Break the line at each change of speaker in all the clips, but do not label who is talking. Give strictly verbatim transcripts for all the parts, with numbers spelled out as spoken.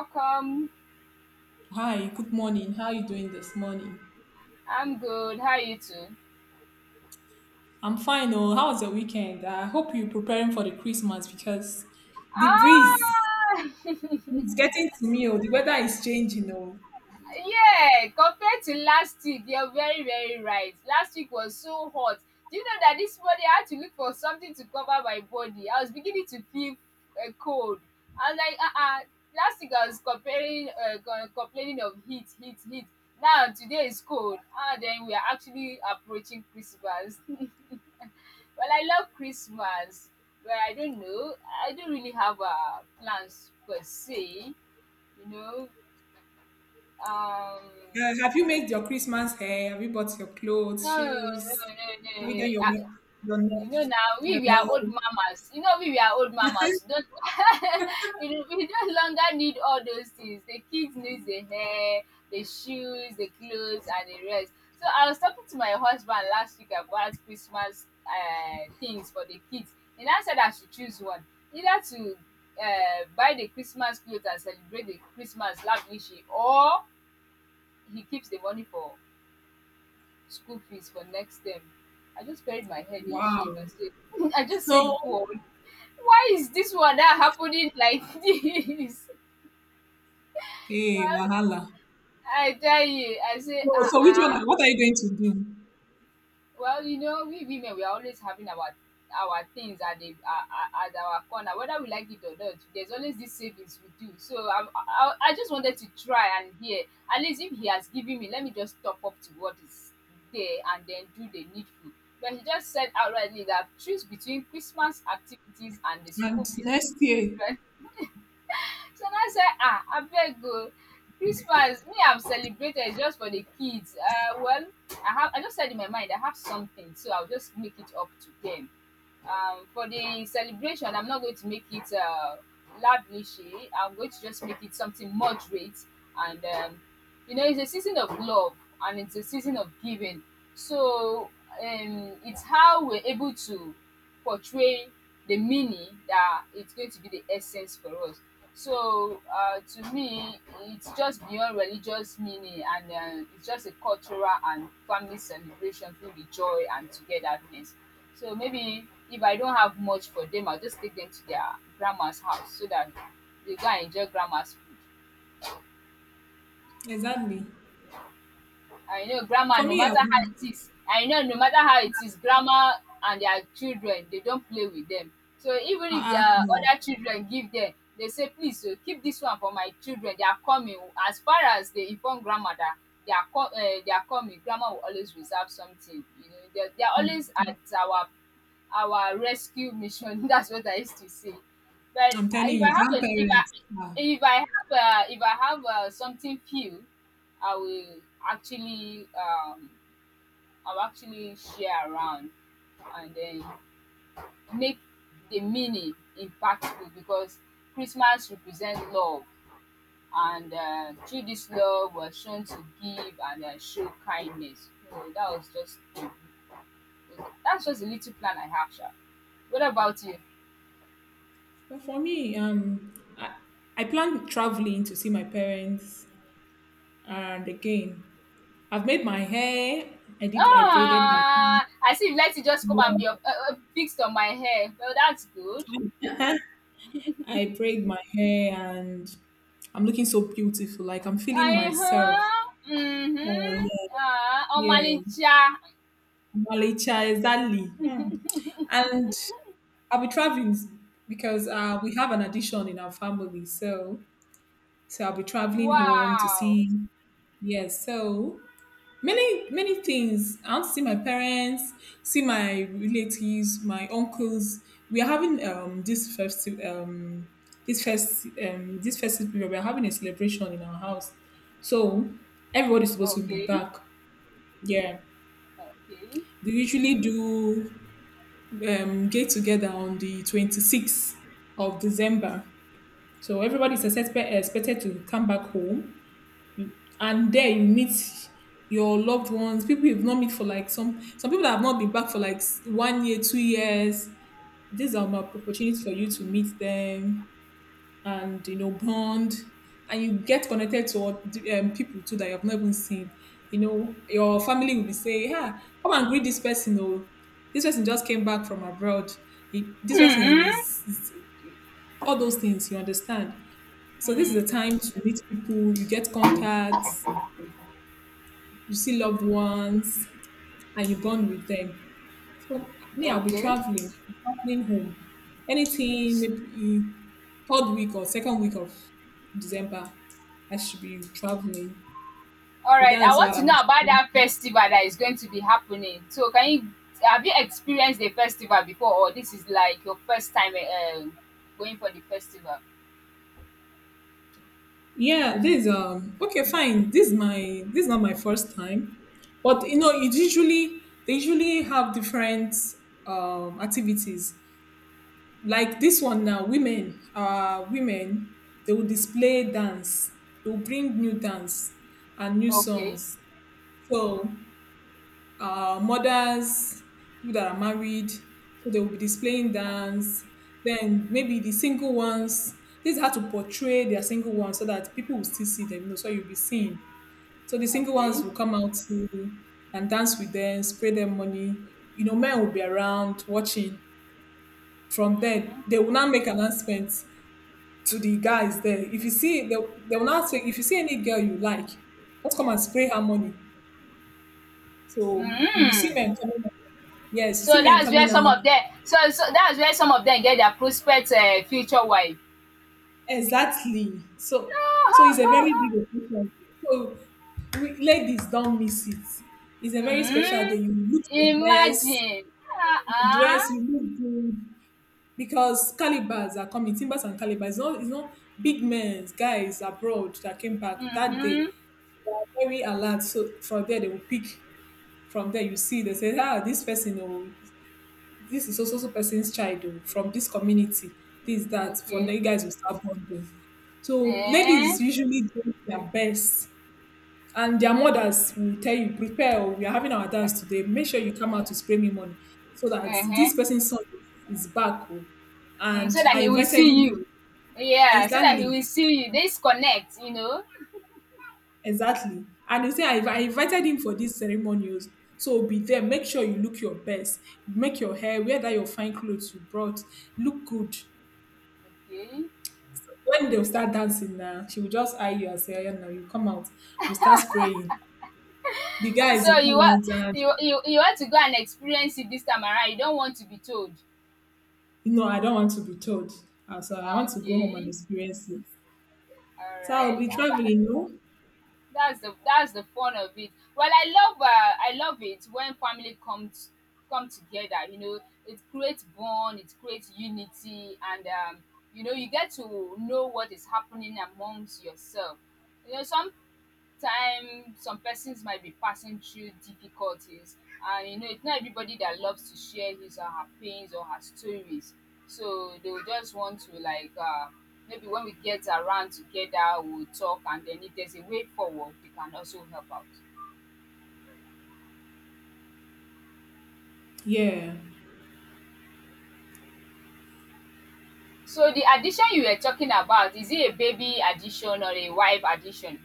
Welcome.
Hi, good morning. How are you doing this morning?
I'm good. How are you too?
I'm fine. Oh, how was your weekend? I hope you're preparing for the Christmas because the breeze
Ah,
is
yeah.
getting to me. Oh, the weather is changing. Oh,
Compared to last week, you're very, very right. Last week was so hot. Do you know that this morning I had to look for something to cover my body? I was beginning to feel uh, cold. I was like, uh-uh. Last week I was comparing, uh, co- complaining of heat, heat, heat. Now today is cold. Ah, then we are actually approaching Christmas. Well, I love Christmas. Well, I don't know. I don't really have uh, plans per se. You know, um,
uh, have you made your Christmas hair? Have you bought your clothes,
no, no, no,
shoes?
no, no. No.
Have you done
I,
your ma- your nail?
you know now,
Your
we we are old
nail?
mamas. You know we we are old mamas. Don't we, no- we no longer need all those things. The kids need the hair, the shoes, the clothes, and the rest. So I was talking to my husband last week about Christmas uh, things for the kids, and I said I should choose one, either to uh, buy the Christmas clothes and celebrate the Christmas lavishly, or he keeps the money for school fees for next term. I just buried my head in
Wow.
shame. I said, I just
So,
said, God, why is this one that happening like this?
hey,
Well,
wahala.
I tell you, I say,
So,
ah,
so which
ah.
one? What are you going to do?
Well, you know, we women we are always having our our things at the at, at our corner, whether we like it or not. There's always these savings we do. So I, I I just wanted to try and hear at least if he has given me, let me just top up to what is there and then do the needful. But he just said outrightly that choose between Christmas activities and the school
And
fees.
next
For
year,
children, so na say um abeg go. Christmas me have celebrated just for the kids. Uh, well, i have i just said in my mind I have something, so I will just make it up to them. Um, for the celebration, I'm not going to make it uh, lavishy. I'm going to just make it something moderate. And, um, you know, it's a season of love and it's a season of giving. So um, it's how we're able to portray the meaning that it's going to be the essence for us. So uh, to me, it's just beyond religious meaning and uh, it's just a cultural and family celebration through the joy and togetherness. So maybe if I don't have much for them, I'll just take them to their grandma's house so that they go and enjoy grandma's.
exactly.
I know grammar,
For
no
me,
matter
I'll
how
be,
it is, I know no matter how it is, grammar and their children, they don't play with them. So even if their
uh, no.
other children give them, they say, please, oh, keep this one for my children. They are coming. As far as they inform grandma that they are, co- uh, they are coming, grandma will always reserve something. You know, they are, they are always
Hmm.
at our our rescue mission. That's what I used to say. But
I'm
uh,
telling
if I
you,
have a, if
grandparents.
I
Ah.
if I have a, if I have uh something few, I will actually um I'll actually share around and then make the meaning impactful because Christmas represents love and um through this love we're shown to give and um show kindness. So that was just that's just a little plan I have sha. What about you?
But for me, um, I, I plan traveling to see my parents, and again, I've made my hair. I did. I braided my.
Ah, I see. Let it just come and be up um fixed on my hair. Well, that's good.
I braid my hair, and I'm looking so beautiful. Like I'm feeling myself.
Aham, uhum,
Oh
ah,
yeah, yeah.
Almalinja,
Malicha, exactly. Hmm. And I'll be traveling because uh, we have an addition in our family, so so I'll be traveling home to
wow,
see. Yes, so many many things. I want to see my parents, see my relatives, my uncles. We are having um this festive, um this first um this festive period, we're having a celebration in our house, so everybody's supposed to be
okay,
back. Yeah,
okay,
they usually do um get together on the twenty-sixth of December, so everybody's expected expected to come back home. And there you meet your loved ones, people you've not met for like some some people that have not been back for like s- one year, two years. These are my opportunities for you to meet them, and you know, bond, and you get connected to oth- um, people too that you have not even seen. You know, your family will be saying, "Yeah, come and greet this person." Oh, this person just came back from abroad. He, this person
mm-hmm,
is, is all those things, you understand. So this is
mm,
the time to meet people. You get contacts, you see loved ones and you bond with them. So me, I'll be
okay.
traveling, traveling home. Anything maybe third week or second week of December, I should be traveling.
All
So
right, I
that's
want
what
to
I'm
know about
doing.
that festival that is going to be happening. So, can you have you experienced the festival before, or this is like your first time uh, going for the festival?
Yeah, this um okay, fine. This is my this is not my first time, but you know, it usually they usually have different um activities. Like this one now, women, uh, women, they will display dance. They will bring new dance and new
Okay,
songs. So, uh, mothers, people that are married, so they will be displaying dance. Then maybe the single ones. This is how to portray their single ones so that people will still see them. You know, so you'll be seeing. So the single ones
okay.
will come out to, and dance with them, spray them money. You know, men will be around watching. From there, they will now make announcements to the guys there. If you see, they'll, they'll not say, if you see any girl you like, just come and spray her money. So you will see
Mm.
men coming out. Yes, you
So
see men
that's where
coming
some
out.
of them. So so that's where some of them get their prospects uh, future wife.
Exactly. So so it's a very big occasion. So we, ladies, don't miss it. It's a very special
Mm,
day. You look your best,
imagine.
you
Uh-uh.
dress, you look good. Because calibers are coming, timbers and calibers. It's not, it's not big men, guys abroad that came back that day.
Mm-hmm.
They are very alert. So from there, they will pick. From there, you see they say, ah, this person, oh, this is also so so person's child, oh, from this community, this, that. From
Okay.
there, you guys will start bonding. So
Eh.
ladies usually do their best. And their mothers will tell you, prepare, oh, we are having our dance today. Make sure you come out to spray me money so that
Uh-huh.
this person's son is is back, oh."
Mm,
And
so that
I
he will
invited
see you.
him.
Yeah, so that he
Exactly.
will see you. They connect, you know.
Exactly. And he say, I, I
Okay.
invited him for these ceremonials. So be there. Make sure you look your best. Make your hair. Wear that your fine clothes you brought. Look good.
Okay.
When they'll start dancing now, she will just eye you and say, yeah, now you come out. You start spraying. The guys will
So you
come
want
out and,
you, you you want to go and experience it this time around. You don't want to be told.
you know, I don't want to be told. Uh, So I
Ah,
want to go home and
okay.
experience it.
All
So I'll
right.
be traveling, no?
That's the that's the fun of it. Well, I love uh, I love it when family comes come together. You know, it creates bond, it creates unity, and um, you know you get to know what is happening amongst yourself. You know, some time some persons might be passing through difficulties and you know it's not everybody that loves to share his or her pains or her stories, so they will just want to like uh, maybe when we get around together we'll talk and then if there's a way forward they can also help out.
Yeah.
So the addition you were talking about, is it a baby addition or a wife addition?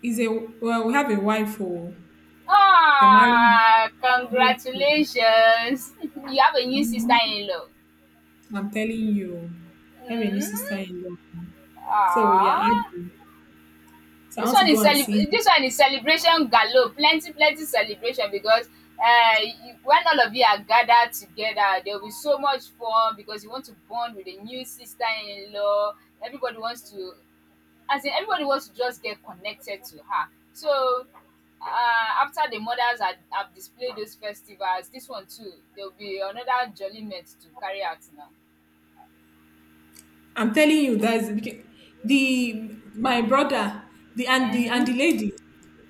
Is a, well, we have a wife who they married.
Ah, congratulations. You have a new
Mhm.
sister-in-law.
I'm telling you, I have a new
Mm?
sister-in-law. So we are
Ah.
arguing. So I
This
want
one
to go
is
and see
celebr-
her.
this one is celebration galore, plenty plenty celebration because uh, you- when all of you are gathered together, there will be so much fun because you want to bond with a new sister-in-law. Everybody wants to, as in everybody wants to just get connected to her. So uh, after the mothers are, have displayed those festivals, this one too, there will be another jolliment to carry out now.
I'm telling you, that's beca- the my brother, the and the and the
Mm-hmm.
lady.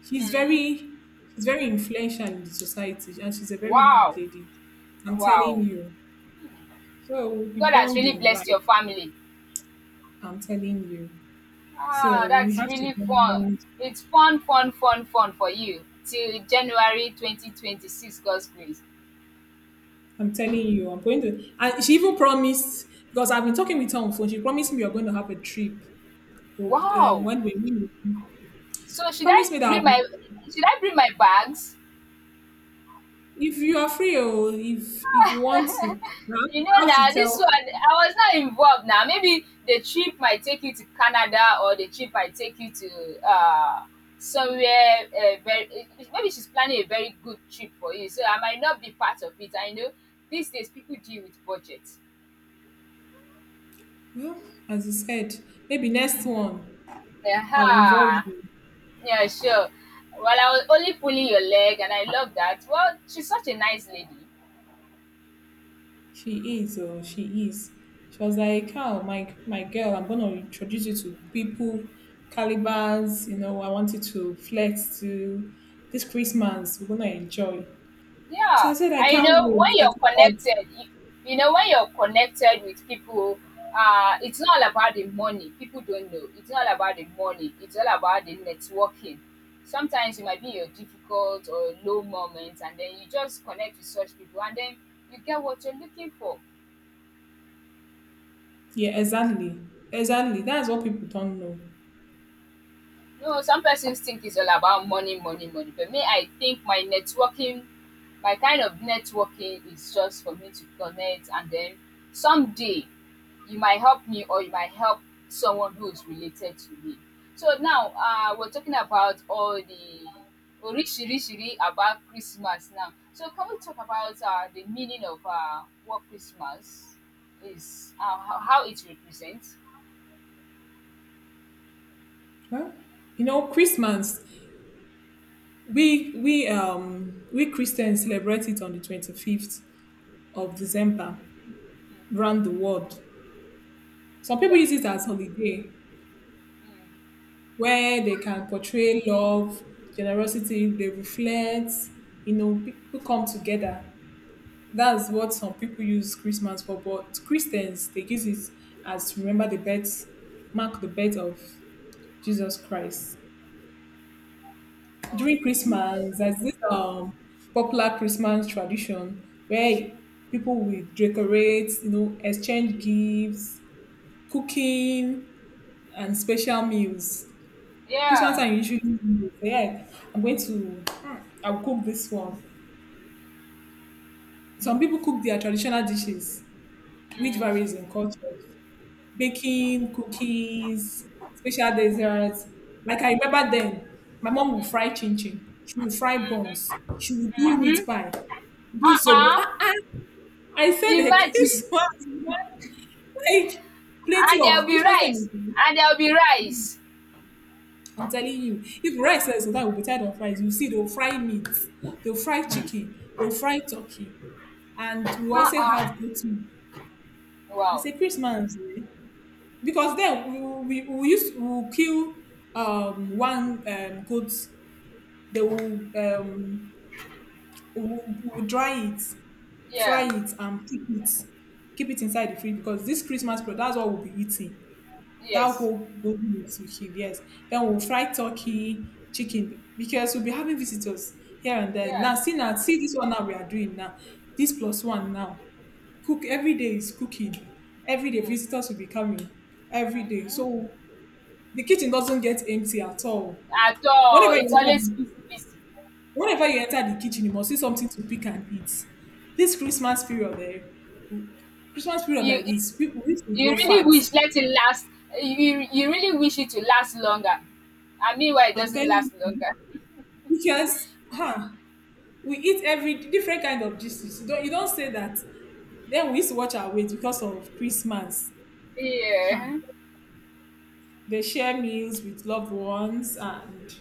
She's
Mm-hmm.
very she's very influential in the society, and she's a very good
Wow,
lady. I'm
wow!
telling you. So we'll be
God has really
bonding,
blessed
like
your family.
I'm telling you.
Ah,
So we
that's
have to
really fun.
bond.
It's fun, fun, fun, fun for you till January twenty twenty-six, God's grace.
I'm telling you, I'm going to. And she even promised, because I've been talking with her on phone. She promised me we are going to have a trip. We'll- Um,
Wow.
when we meet.
So
She
should I
promised me that
bring
I'll be-
my should I bring my bags?
If you are free or if if you want to,
You know
I have to
now
tell
this one
her.
I was not involved now. Maybe the trip might take you to Canada or the trip might take you to uh somewhere uh, very eh, maybe she's planning a very good trip for you. So I might not be part of it. I know these days people deal with budgets.
Well, as you said, maybe next one I'll involve
Aha.
you.
Yeah, sure. Well, I was only pulling your leg, and I love that. Well, she's such a nice lady.
She is, or she is. She was like, "Oh, my my girl, I'm gonna introduce you to people, calibers. You know, I wanted to flex to this Christmas. We're gonna enjoy." So I
Yeah,
said, "I
and you
can't
know when
wait. I
you're
can't wait."
connected, you, you know when you're connected with people, uh, it's not all about the money. People don't know. It's not all about the money. It's all about the networking. Sometimes you might be in your difficult or low moments, and then you just connect with such people, and then you get what you're looking for.
Yeah, exactly, exactly. That's what people don't know.
No, some persons think it's all about money, money, money. But me, I think my networking, my kind of networking is just for me to connect and then someday you might help me or you might help someone who is related to me. So now uh, we're talking about all the orishirishiri about Christmas now. So can we talk about uh, the meaning of uh, what Christmas is, uh, how how it represents?
Well, you know, Christmas, We we um we Christians celebrate it on the twenty-fifth of December around the world. Some
Yeah.
people use it as holiday
Mm,
where they can portray love, generosity, they reflect, you know, people come together. That's what some people use Christmas for, but Christians they use it as to remember the birth, mark the birth of Jesus Christ. During
okay.
Christmas, there's this um popular Christmas tradition where people will decorate, you know, exchange gifts, cooking, and special meals. Christmas
Yeah.
time usually, yeah, I'm going to, hmm, I'll cook this one. Some people cook their traditional dishes, which
Mm.
varies in cultures, baking cookies, special desserts. Like I remember then, my mom would fry chin chin. She would fry buns. She would do
Mm-hmm.
meat pie, do zobo.
Uh-uh.
Ah, ah. I said the
Imagine.
Christmas, man, like plenty
And there'll
of
be
Christmas
rice.
time. is-
And there'll be rice.
I'm telling you, if rice is so that will be tired of rice, you see they'll fry meat, they'll fry chicken, they'll fry turkey, and we also have
Uh-uh.
goat meat. I
Wow.
say Christmas, eh? Because then we we, we used to kill um one um goat. They will um will, will dry it, fry
Yeah.
it and keep it keep it inside the fridge, because this Christmas bread, that's what we'll be eating, that
Yes.
whole golden meat we kill. Yes, then we'll fry turkey, chicken, because we'll be having visitors here and there.
Yeah.
Now see, now see, this one now we are doing now, this plus one now, cook, every day is cooking, every day visitors will be coming every day, so the kitchen doesn't get empty at all.
At all.
Whenever you
It's
enter,
always
the-
busy, busy.
Whenever you enter the kitchen, you must see something to pick and eat. This Christmas period, eh, Christmas period
You,
like
you
this, people used to
you
grow
really
fat.
wish let it last. You, you really wish it to last longer. And meanwhile, it
I'm
doesn't
telling
last
you,
longer.
because huh, we eat every different kind of dishes. You don't you don't say that. Then we used to watch our weight because of Christmas. Huh.
Yeah.
They share meals with loved ones and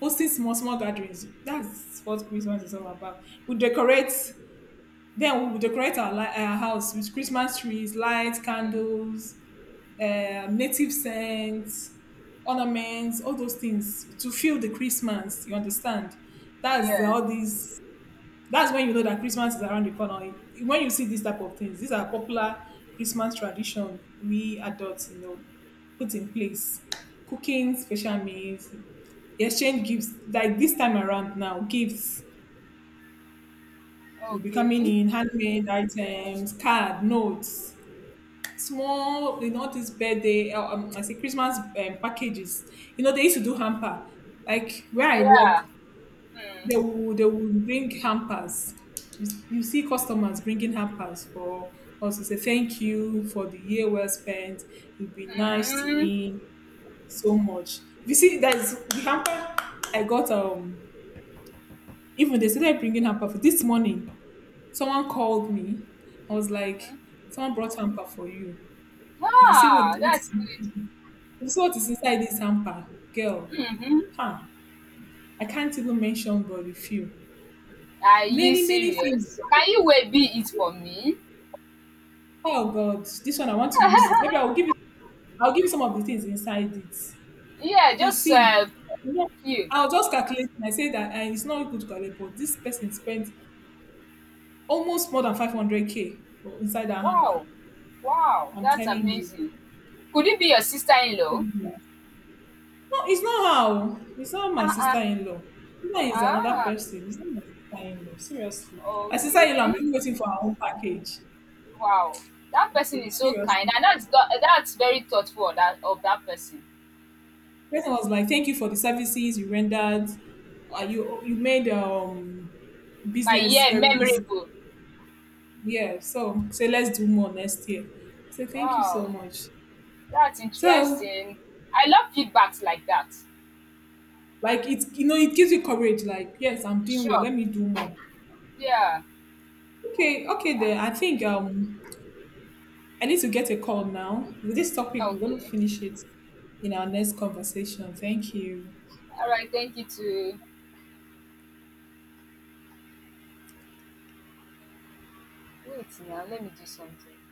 hosting small small gatherings. That's what Christmas is all about. We decorate. Then we will decorate our, li- our house with Christmas trees, lights, candles, uh, native scents, ornaments, all those things to feel the Christmas. You understand? That's the-
Yeah.
all these. That's when you know that Christmas is around the corner. When you see these type of things, these are popular Christmas tradition we adults, you know, put in place. Cooking special meals, exchange gifts. Like this time around now, gifts will be coming
Okay.
in handmade items, card, notes, small, you know, this birthday, uh, um, I say Christmas um, packages. You know, they used to do hamper. Like where I work,
Yeah.
they will they will bring hampers. You, you see customers bringing hampers for us to say thank you for the year well spent. You've been nice to
Mm-hmm.
me so much. You see, that's the hamper I got. Um, even they started bringing hamper for this morning. Someone called me. I was like, someone brought hamper for you. If you see what
Ah,
what
that's
is.
good.
This is what is inside this hamper, girl.
Mm-hmm.
Huh? I can't even mention but a few.
Are you
Many, many things.
serious? Can
Like,
you wait be it for me?
oh God, this one I want to use it. Maybe I'll give you. I'll give you some of the things inside it. If
Yeah,
you
just
see,
uh,
you know,
few.
I'll just calculate and I say that uh, it's not good to calculate, but this person spent almost more than five hundred k for- inside that hamper.
Wow, wow,
I'm
that's
telling
amazing. Could it be your sister-in-law?
you. No, it's not how. It's not my
Ah, ah,
sister-in-law. That is another
ah.
person. It's not my sister-in-law. Seriously. My sister-in-law, I'm
Okay.
really waiting for her own package.
Wow, that person is so kind,
Seriously.
and that's go- that's very thoughtful of that of that person.
Person was like, thank you for the services you rendered. Uh, you you made um
My
business
year
very easy.
memorable.
Yeah. So say let's do more next year. I said, thank you so
Wow,
much.
that's
So
interesting. I love feedbacks like that.
like, it's, you know, it gives you courage, like, yes, I'm doing well,
Sure.
let me do more.
Yeah.
Okay, okay then I think um I need to get a call now. With this topic, we're going to
Okay.
finish it in our next conversation. Thank you.
All right. Thank you. To wait now. Let me do something.